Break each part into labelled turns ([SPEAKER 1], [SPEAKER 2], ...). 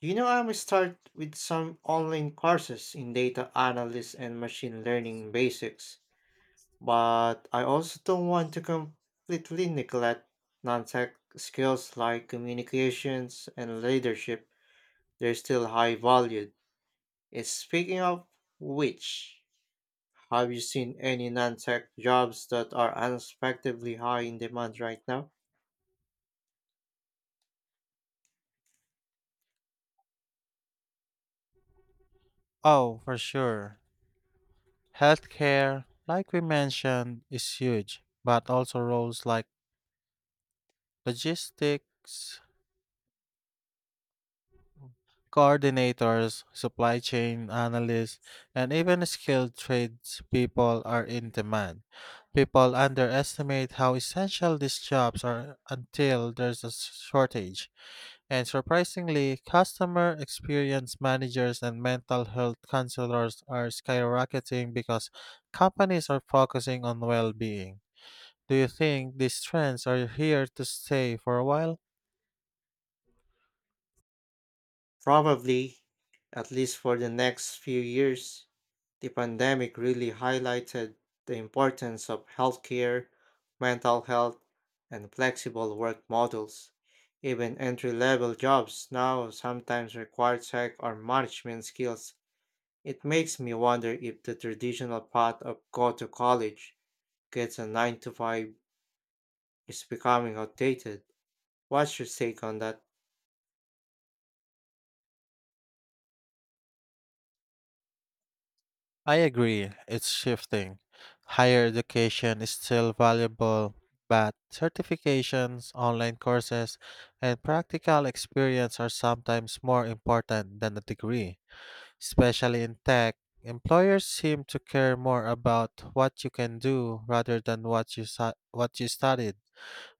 [SPEAKER 1] You know, I'm start with some online courses in data analysis and machine learning basics, but I also don't want to completely neglect non-tech skills like communications and leadership. They're still high valued. And speaking of which, have you seen any non-tech jobs that are unexpectedly high in demand right now?
[SPEAKER 2] Oh, for sure. Healthcare, like we mentioned, is huge, but also roles like logistics, coordinators, supply chain analysts, and even skilled tradespeople are in demand. People underestimate how essential these jobs are until there's a shortage. And surprisingly, customer experience managers and mental health counselors are skyrocketing because companies are focusing on well being. Do you think these trends are here to stay for a while?
[SPEAKER 1] Probably, at least for the next few years. The pandemic really highlighted the importance of healthcare, mental health, and flexible work models. Even entry level jobs now sometimes require tech or management skills. It makes me wonder if the traditional path of go to college, get a 9 to 5 is becoming outdated. What's your take on that?
[SPEAKER 2] I agree, it's shifting. Higher education is still valuable, but certifications, online courses, and practical experience are sometimes more important than a degree. Especially in tech, employers seem to care more about what you can do rather than what you studied.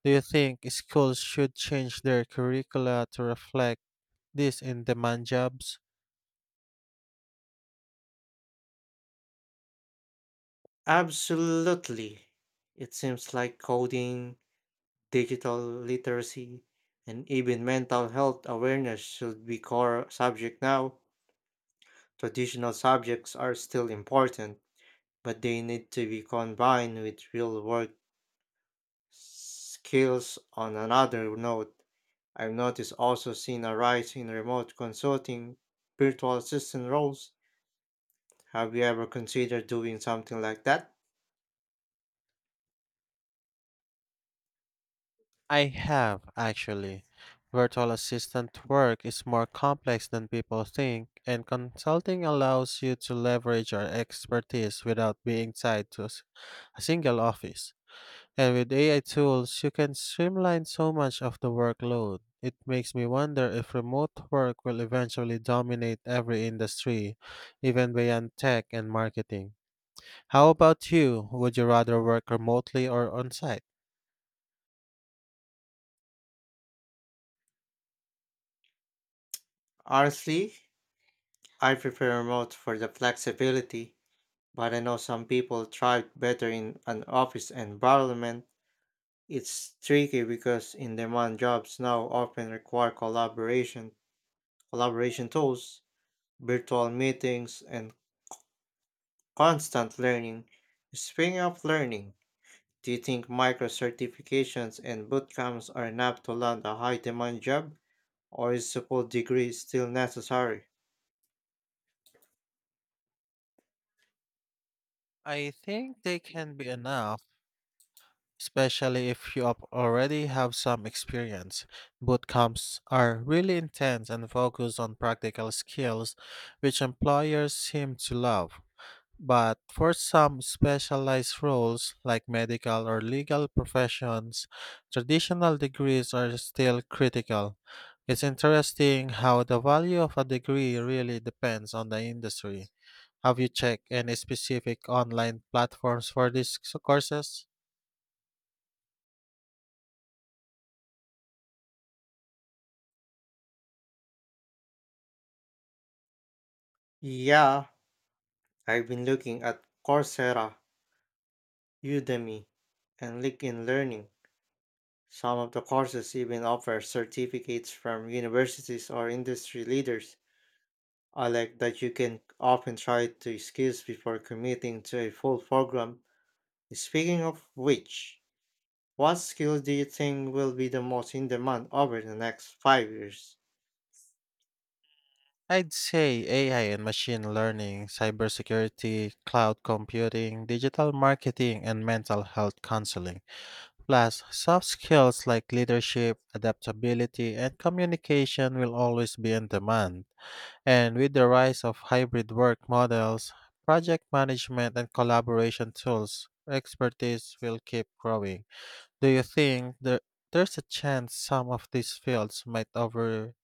[SPEAKER 2] Do you think schools should change their curricula to reflect this in demand jobs?
[SPEAKER 1] Absolutely. It seems like coding, digital literacy, and even mental health awareness should be core subject now. Traditional subjects are still important, but they need to be combined with real world skills. On another note, I've noticed also seen a rise in remote consulting, virtual assistant roles. Have you ever considered doing something like that?
[SPEAKER 2] I have, actually. Virtual assistant work is more complex than people think, and consulting allows you to leverage your expertise without being tied to a single office. And with AI tools, you can streamline so much of the workload. It makes me wonder if remote work will eventually dominate every industry, even beyond tech and marketing. How about you? Would you rather work remotely or on site?
[SPEAKER 1] Honestly, I prefer remote for the flexibility. But I know some people thrive better in an office environment. It's tricky because in-demand jobs now often require collaboration, collaboration tools, virtual meetings, and constant learning. Speaking of learning, do you think micro certifications and boot camps are enough to land a high-demand job, or is a full degree still necessary?
[SPEAKER 2] I think they can be enough especially if you already have some experience. Boot camps are really intense and focus on practical skills, which employers seem to love. But for some specialized roles like medical or legal professions, traditional degrees are still critical. It's interesting how the value of a degree really depends on the industry. Have you checked any specific online platforms for these courses?
[SPEAKER 1] Yeah, I've been looking at Coursera, Udemy, and LinkedIn Learning. Some of the courses even offer certificates from universities or industry leaders. I like that you can often try to skills before committing to a full program. Speaking of which, what skills do you think will be the most in demand over the next 5 years?
[SPEAKER 2] I'd say AI and machine learning, cybersecurity, cloud computing, digital marketing, and mental health counseling, plus soft skills like leadership, adaptability, and communication will always be in demand. And with the rise of hybrid work models, project management and collaboration tools, expertise will keep growing. Do you think the, There's a chance some of these fields might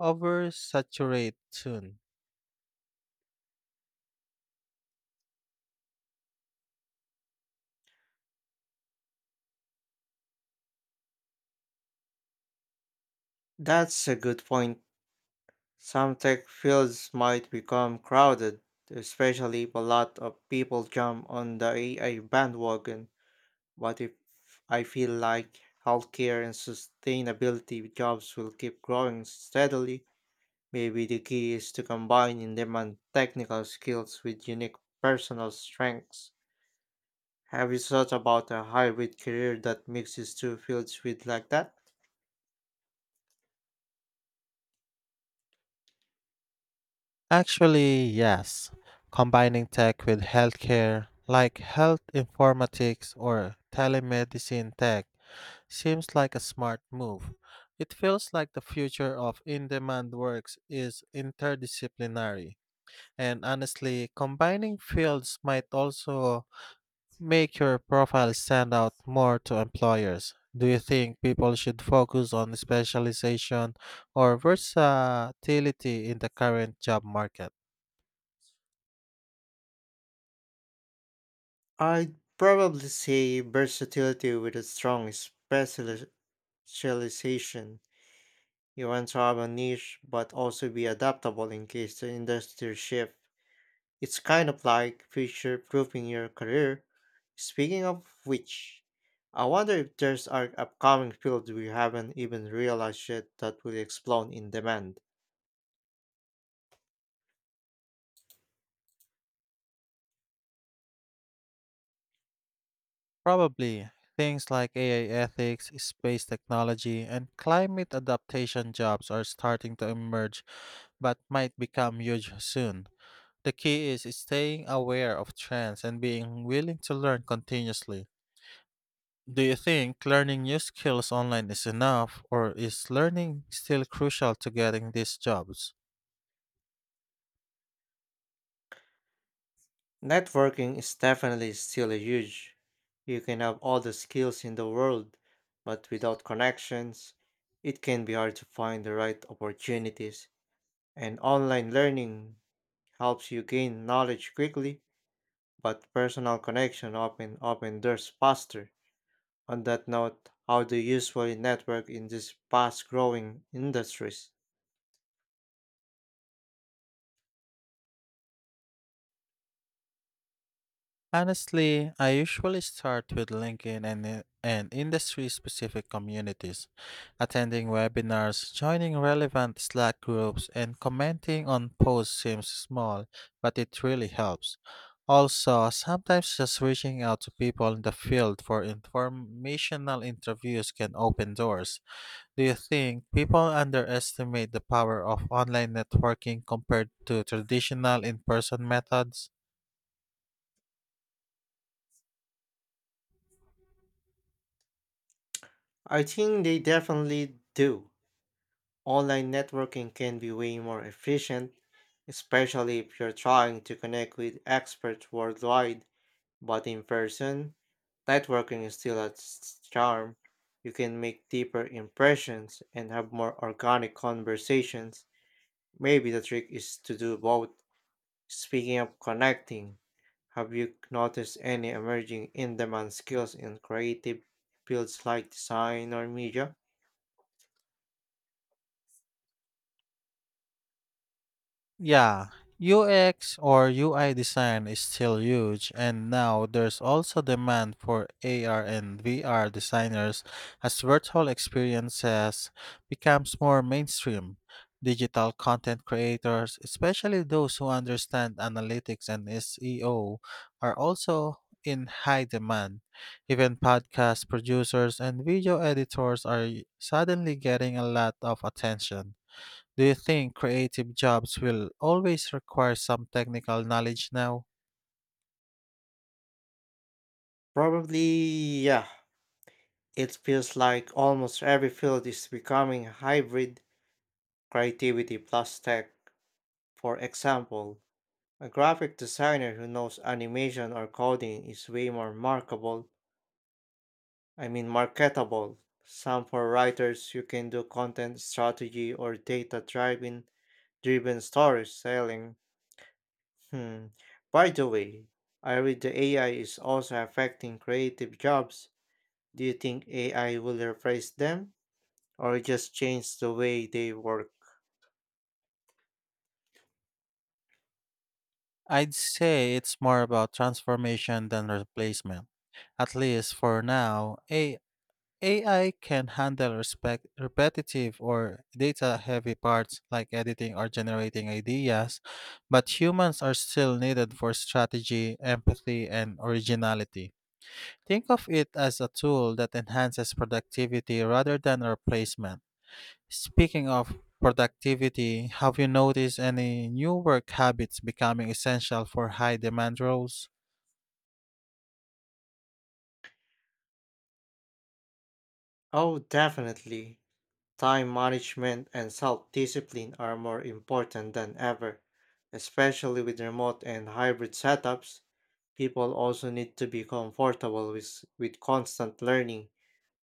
[SPEAKER 2] oversaturate soon?
[SPEAKER 1] That's a good point. Some tech fields might become crowded, especially if a lot of people jump on the AI bandwagon. What if I feel like healthcare and sustainability jobs will keep growing steadily? Maybe the key is to combine in demand technical skills with unique personal strengths. Have you thought about a hybrid career that mixes two fields with like that?
[SPEAKER 2] Actually, yes. Combining tech with healthcare, like health informatics or telemedicine tech, seems like a smart move. It feels like the future of in demand works is interdisciplinary. And honestly, combining fields might also make your profile stand out more to employers. Do you think people should focus on specialization or versatility in the current job market?
[SPEAKER 1] I'd probably say versatility with a strong specialization. You want to have a niche but also be adaptable in case the industry shifts. It's kind of like future proofing your career. Speaking of which, I wonder if there's an upcoming field we haven't even realized yet that will explode in demand.
[SPEAKER 2] Probably. Things like AI ethics, space technology, and climate adaptation jobs are starting to emerge but might become huge soon. The key is staying aware of trends and being willing to learn continuously. Do you think learning new skills online is enough, or is learning still crucial to getting these jobs?
[SPEAKER 1] Networking is definitely still a huge. You can have all the skills in the world, but without connections, it can be hard to find the right opportunities. And online learning helps you gain knowledge quickly, but personal connection often open doors faster. On that note, how do you usually network in these fast growing industries?
[SPEAKER 2] Honestly, I usually start with LinkedIn and industry specific communities, attending webinars, joining relevant Slack groups, and commenting on posts seems small, but it really helps. Also, sometimes just reaching out to people in the field for informational interviews can open doors. Do you think people underestimate the power of online networking compared to traditional in person methods?
[SPEAKER 1] I think they definitely do. Online networking can be way more efficient, especially if you're trying to connect with experts worldwide, but in person, networking is still its charm. You can make deeper impressions and have more organic conversations. Maybe the trick is to do both. Speaking of connecting, have you noticed any emerging in demand skills in creative fields like design or media?
[SPEAKER 2] Yeah, UX or UI design is still huge, and now there's also demand for AR and VR designers as virtual experiences becomes more mainstream. Digital content creators, especially those who understand analytics and SEO, are also in high demand. Even podcast producers and video editors are suddenly getting a lot of attention. Do you think creative jobs will always require some technical knowledge now?
[SPEAKER 1] Probably, yeah. It feels like almost every field is becoming hybrid creativity plus tech. For example, a graphic designer who knows animation or coding is way more markable, I mean marketable. Some for writers you can do content strategy or data driven story selling. Hmm. By the way, I read the AI is also affecting creative jobs. Do you think AI will replace them or just change the way they work?
[SPEAKER 2] I'd say it's more about transformation than replacement. At least for now, AI can handle repetitive or data heavy parts like editing or generating ideas, but humans are still needed for strategy, empathy, and originality. Think of it as a tool that enhances productivity rather than a replacement. Speaking of productivity, have you noticed any new work habits becoming essential for high demand roles?
[SPEAKER 1] Oh, definitely. Time management and self discipline are more important than ever, especially with remote and hybrid setups. People also need to be comfortable with constant learning.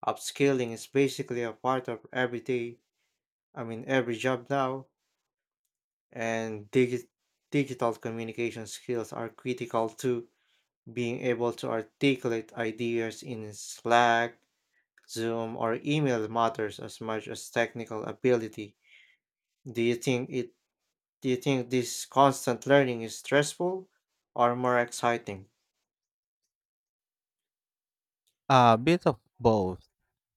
[SPEAKER 1] Upskilling is basically a part of every day, I mean, every job now, and digital communication skills are critical to being able to articulate ideas in Slack, Zoom, or email matters as much as technical ability. Do you think it do you think this constant learning is stressful or more exciting?
[SPEAKER 2] A bit of both.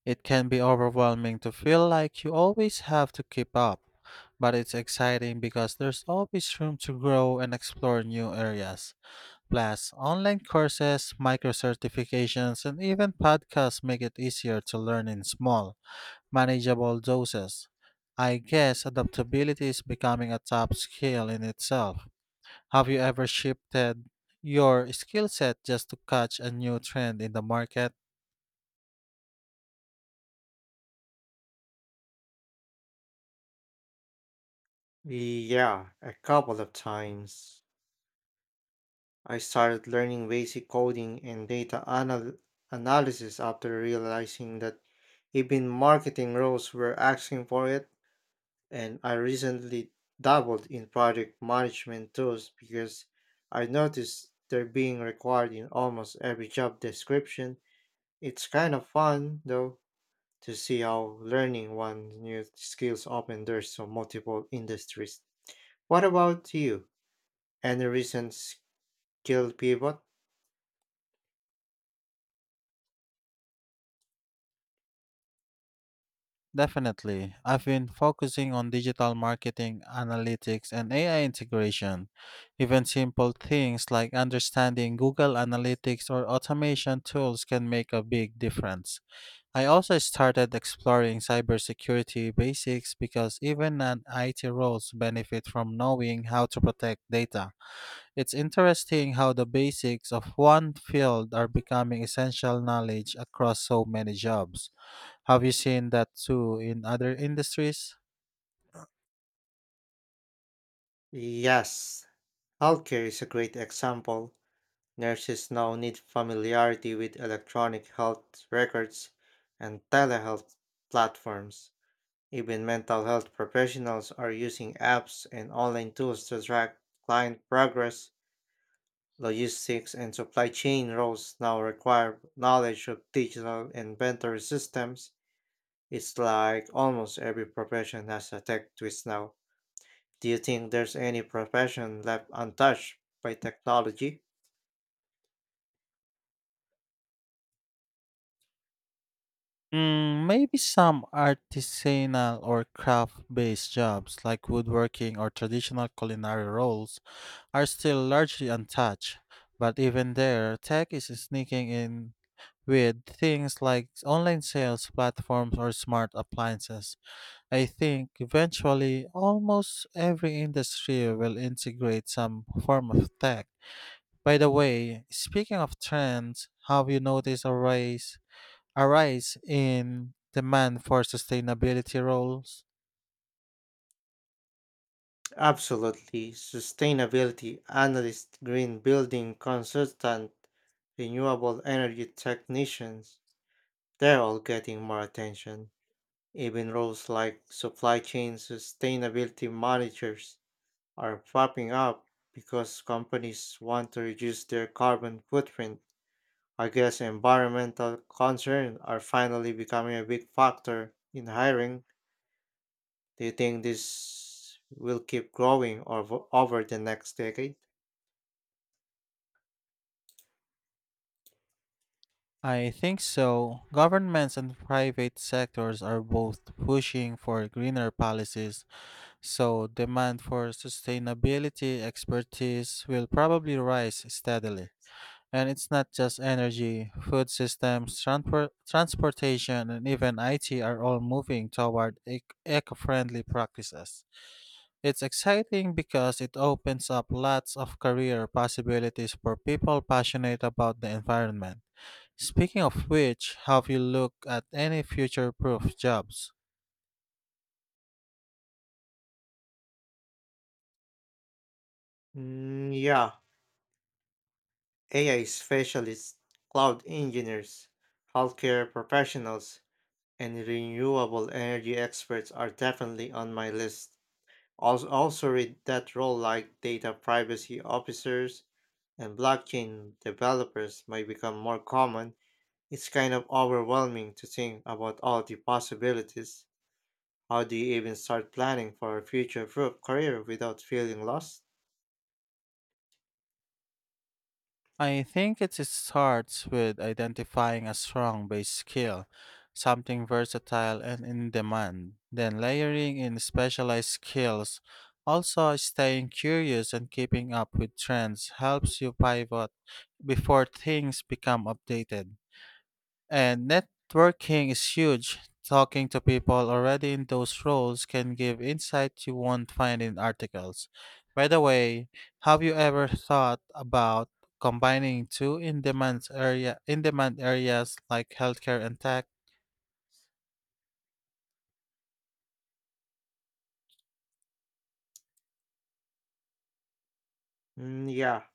[SPEAKER 2] It can be overwhelming to feel like you always have to keep up, but it's exciting because there's always room to grow and explore new areas. Plus, online courses, micro certifications, and even podcasts make it easier to learn in small manageable doses. I guess adaptability is becoming a top skill in itself. Have you ever shifted your skill set just to catch a new trend in the market?
[SPEAKER 1] Yeah, a couple of times. I started learning basic coding and data analysis after realizing that even marketing roles were asking for it, and I recently dabbled in project management tools because I noticed they're being required in almost every job description. It's kind of fun though, to see how learning one new skills open doors to multiple industries. What about you? Any recent skill pivot?
[SPEAKER 2] Definitely. I've been focusing on digital marketing, analytics, and AI integration. Even simple things like understanding Google Analytics or automation tools can make a big difference. I also started exploring cybersecurity basics because even non IT roles benefit from knowing how to protect data. It's interesting how the basics of one field are becoming essential knowledge across so many jobs. Have you seen that too in other industries?
[SPEAKER 1] Yes, healthcare is a great example. Nurses now need familiarity with electronic health records and telehealth platforms. Even mental health professionals are using apps and online tools to track client progress. Logistics and supply chain roles now require knowledge of digital inventory systems. It's like almost every profession has a tech twist now. Do you think there's any profession left untouched by technology?
[SPEAKER 2] Mm, maybe some artisanal or craft based jobs like woodworking or traditional culinary roles are still largely untouched. But even there, tech is sneaking in with things like online sales platforms or smart appliances. I think eventually almost every industry will integrate some form of tech. By the way, speaking of trends, have you noticed a rise in demand for sustainability roles?
[SPEAKER 1] Absolutely. Sustainability analyst, green building consultant, renewable energy technicians, they're all getting more attention. Even roles like supply chain sustainability managers are popping up because companies want to reduce their carbon footprint. I guess environmental concerns are finally becoming a big factor in hiring. Do you think this will keep growing over the next decade?
[SPEAKER 2] I think so. Governments and private sectors are both pushing for greener policies, so demand for sustainability expertise will probably rise steadily. And it's not just energy, food systems, transportation, and even IT are all moving toward eco-friendly practices. It's exciting because it opens up lots of career possibilities for people passionate about the environment. Speaking of which, have you looked at any future proof jobs?
[SPEAKER 1] Mm, yeah, AI specialists, cloud engineers, healthcare professionals, and renewable energy experts are definitely on my list. Also read that role like data privacy officers and blockchain developers might become more common. It's kind of overwhelming to think about all the possibilities. How do you even start planning for a future proof career without feeling lost?
[SPEAKER 2] I think it starts with identifying a strong base skill, something versatile and in demand, then layering in specialized skills. Also, staying curious and keeping up with trends helps you pivot before things become outdated. And networking is huge. Talking to people already in those roles can give insight you won't find in articles. By the way, have you ever thought about combining two in-demand area in-demand areas like healthcare and tech?
[SPEAKER 1] Mm, yeah,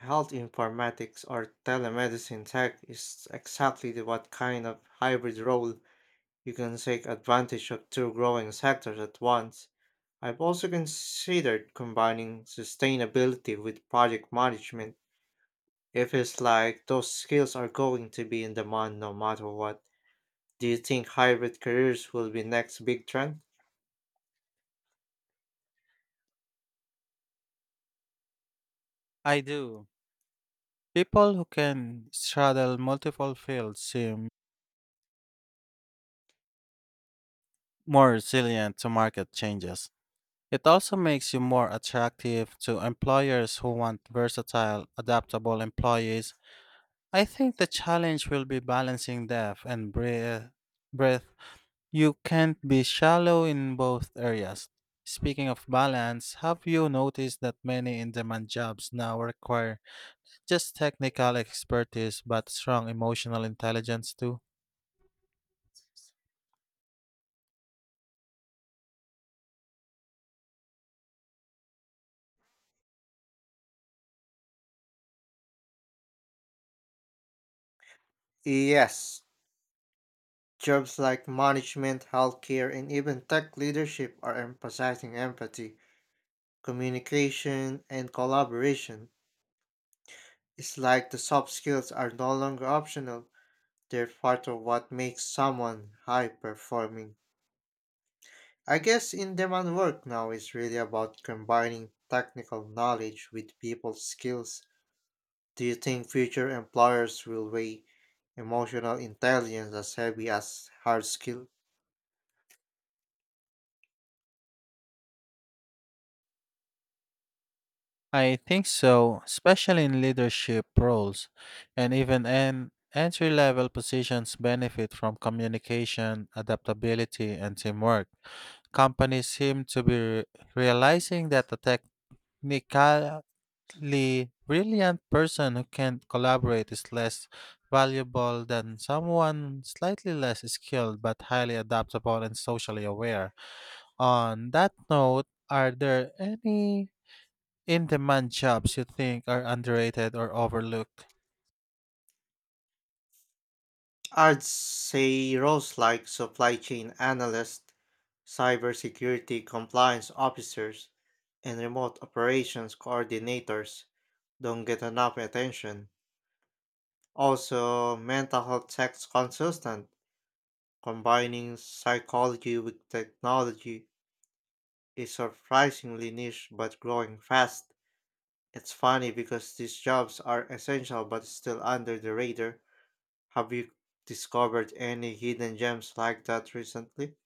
[SPEAKER 1] health informatics or telemedicine tech is exactly the what kind of hybrid role you can take advantage of two growing sectors at once. I've also considered combining sustainability with project management. It feels like those skills are going to be in demand no matter what. Do you think hybrid careers will be next big trend?
[SPEAKER 2] I do. People who can straddle multiple fields seem more resilient to market changes. It also makes you more attractive to employers who want versatile, adaptable employees. I think the challenge will be balancing depth and breath. Breadth. You can't be shallow in both areas. Speaking of balance, have you noticed that many in demand jobs now require just technical expertise but strong emotional intelligence too?
[SPEAKER 1] Yes, jobs like management, healthcare, and even tech leadership are emphasizing empathy, communication, and collaboration. It's like the soft skills are no longer optional, they're part of what makes someone high performing. I guess in demand work now is really about combining technical knowledge with people's skills. Do you think future employers will weigh emotional intelligence as heavy as hard skill?
[SPEAKER 2] I think so, especially in leadership roles and even in entry level positions benefit from communication, adaptability, and teamwork. Companies seem to be realizing that a technically brilliant person who can't collaborate is less valuable than someone slightly less skilled but highly adaptable and socially aware. On that note, are there any in demand jobs you think are underrated or overlooked?
[SPEAKER 1] I'd say roles like supply chain analyst, cybersecurity compliance officers, and remote operations coordinators don't get enough attention. Also, mental health tax consultant. Combining psychology with technology is surprisingly niche but growing fast. It's funny because these jobs are essential but still under the radar. Have you discovered any hidden gems like that recently?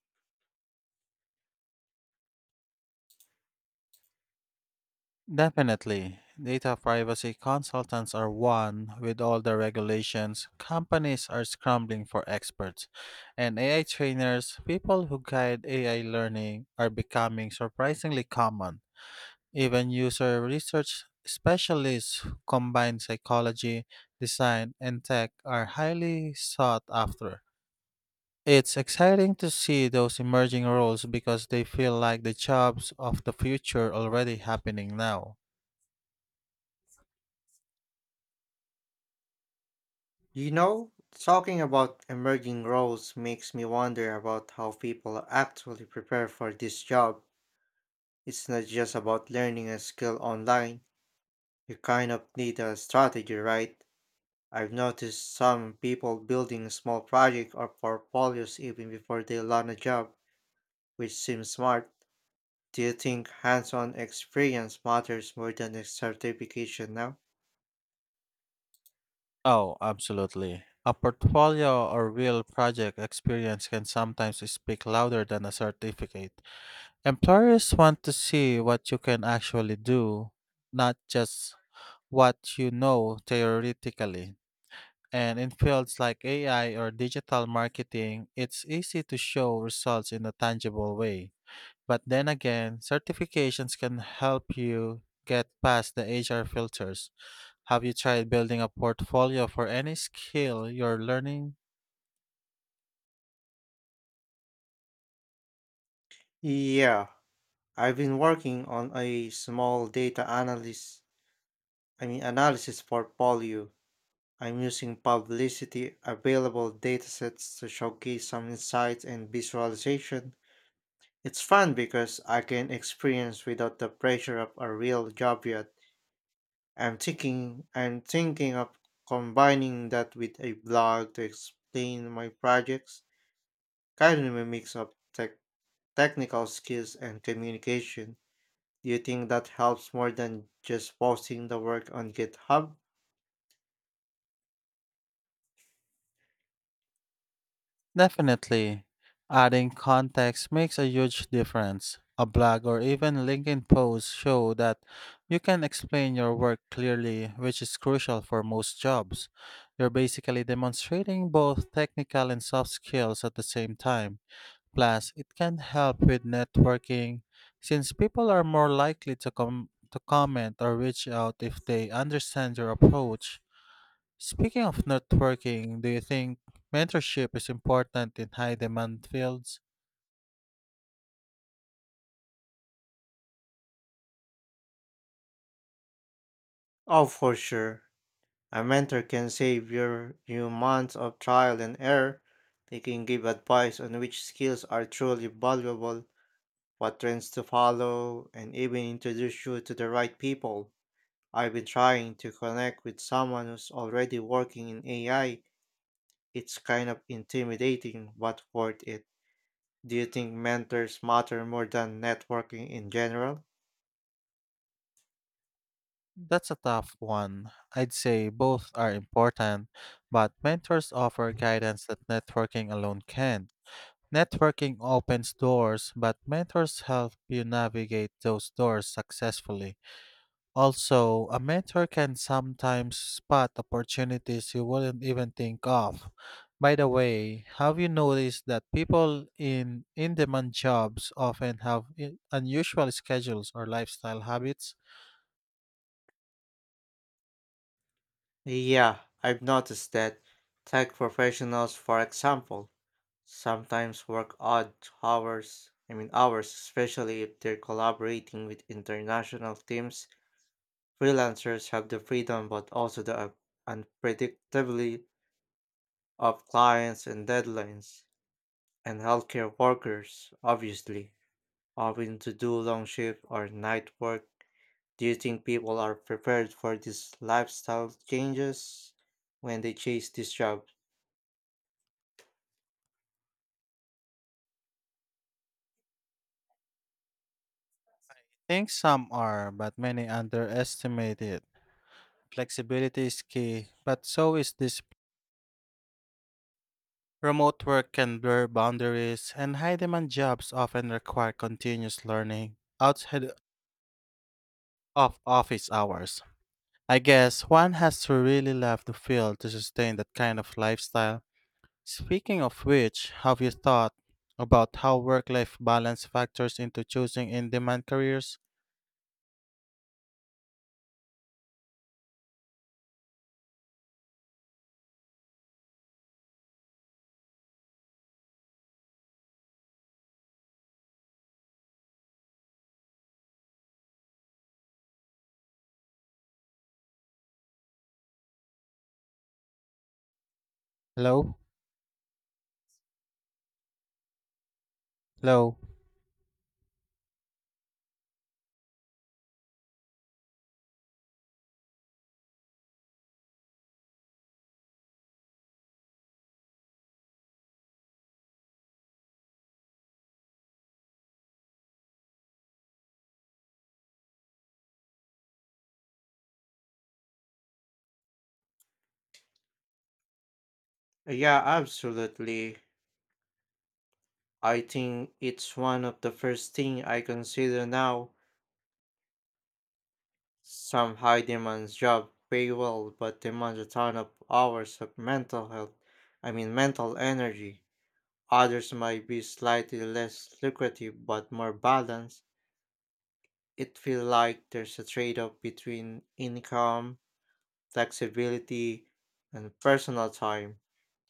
[SPEAKER 2] Definitely. Data privacy consultants are one with all the regulations. Companies are scrambling for experts. And AI trainers, people who guide AI learning, are becoming surprisingly common. Even user research specialists who combine psychology, design, and tech are highly sought after. It's exciting to see those emerging roles because they feel like the jobs of the future already happening now.
[SPEAKER 1] You know, talking about emerging roles makes me wonder about how people actually prepare for this job. It's not just about learning a skill online. You kind of need a strategy, right? I've noticed some people building small projects or portfolios even before they land a job, which seems smart. Do you think hands-on experience matters more than a certification now?
[SPEAKER 2] Oh, absolutely. A portfolio or real project experience can sometimes speak louder than a certificate. Employers want to see what you can actually do, not just what you know theoretically. And in fields like AI or digital marketing, it's easy to show results in a tangible way. But then again, certifications can help you get past the HR filters. Have you tried building a portfolio for any skill you're learning?
[SPEAKER 1] Yeah, I've been working on a small data analysis, I mean analysis portfolio. I'm using publicity available datasets to showcase some insights and visualization. It's fun because I can experience without the pressure of a real job yet. I'm thinking of combining that with a blog to explain my projects, kind of a mix of technical skills and communication. Do you think that helps more than just posting the work on GitHub?
[SPEAKER 2] Definitely. Adding context makes a huge difference. A blog or even LinkedIn posts show that you can explain your work clearly, which is crucial for most jobs. You're basically demonstrating both technical and soft skills at the same time. Plus, it can help with networking since people are more likely to to comment or reach out if they understand your approach. Speaking of networking, do you think mentorship is important in high demand fields?
[SPEAKER 1] Oh, for sure. A mentor can save you months of trial and error. They can give advice on which skills are truly valuable, what trends to follow, and even introduce you to the right people. I've been trying to connect with someone who's already working in AI. It's kind of intimidating, but worth it. Do you think mentors matter more than networking in general?
[SPEAKER 2] That's a tough one. I'd say both are important, but mentors offer guidance that networking alone can. Networking opens doors, but mentors help you navigate those doors successfully. Also, a mentor can sometimes spot opportunities you wouldn't even think of. By the way, have you noticed that people in demand jobs often have unusual schedules or lifestyle habits?
[SPEAKER 1] Yeah, I've noticed that tech professionals, for example, sometimes work odd hours, I mean hours, especially if they're collaborating with international teams. Freelancers have the freedom but also the unpredictability of clients and deadlines. And healthcare workers, obviously, having to do long shift or night work. Do you think people are prepared for these lifestyle changes when they chase this job?
[SPEAKER 2] I think some are, but many underestimate it. Flexibility is key, but so is this. Remote work can blur boundaries, and high demand jobs often require continuous learning outside of office hours. I guess one has to really love the field to sustain that kind of lifestyle. Speaking of which, have you thought about how work life balance factors into choosing in demand careers? Low? Low.
[SPEAKER 1] Yeah, absolutely. I think it's one of the first thing I consider now. Some high demand job pay well but demand a ton of hours of mental health, I mean mental energy. Others might be slightly less lucrative but more balanced. It feels like there's a trade-off between income, flexibility, and personal time.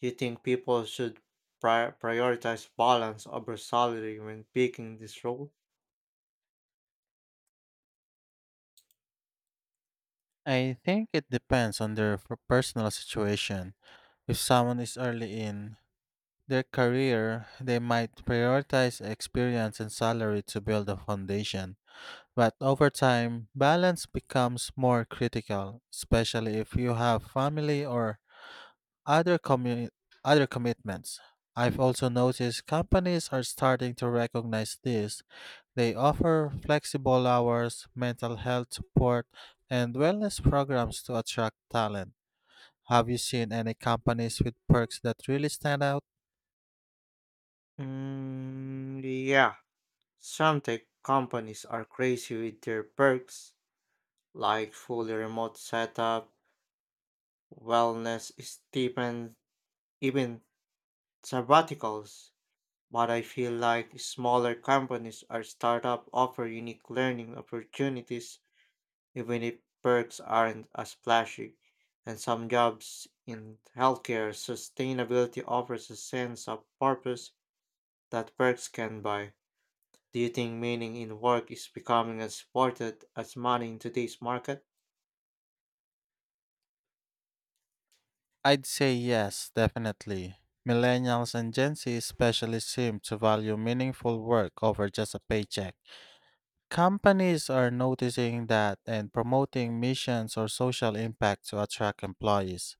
[SPEAKER 1] Do you think people should prioritize balance over salary when picking this role?
[SPEAKER 2] I think it depends on their personal situation. If someone is early in their career, they might prioritize experience and salary to build a foundation. But over time, balance becomes more critical, especially if you have family or Other commu- other commitments. I've also noticed companies are starting to recognize this. They offer flexible hours, mental health support, and wellness programs to attract talent. Have you seen any companies with perks that really stand out?
[SPEAKER 1] Mm, yeah, some tech companies are crazy with their perks, like fully remote setup, wellness stipends, even sabbaticals. But I feel like smaller companies or startup offer unique learning opportunities even if perks aren't as flashy. And some jobs in healthcare sustainability offers a sense of purpose that perks can buy. Do you think meaning in work is becoming as important as money in today's market?
[SPEAKER 2] I'd say yes, definitely. Millennials and Gen Z especially seem to value meaningful work over just a paycheck. Companies are noticing that and promoting missions or social impact to attract employees.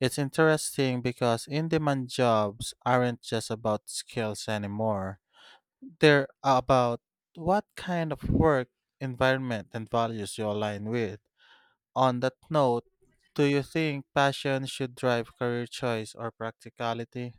[SPEAKER 2] It's interesting because in demand jobs aren't just about skills anymore, they're about what kind of work, environment, and values you align with. On that note, do you think passion should drive career choice or practicality?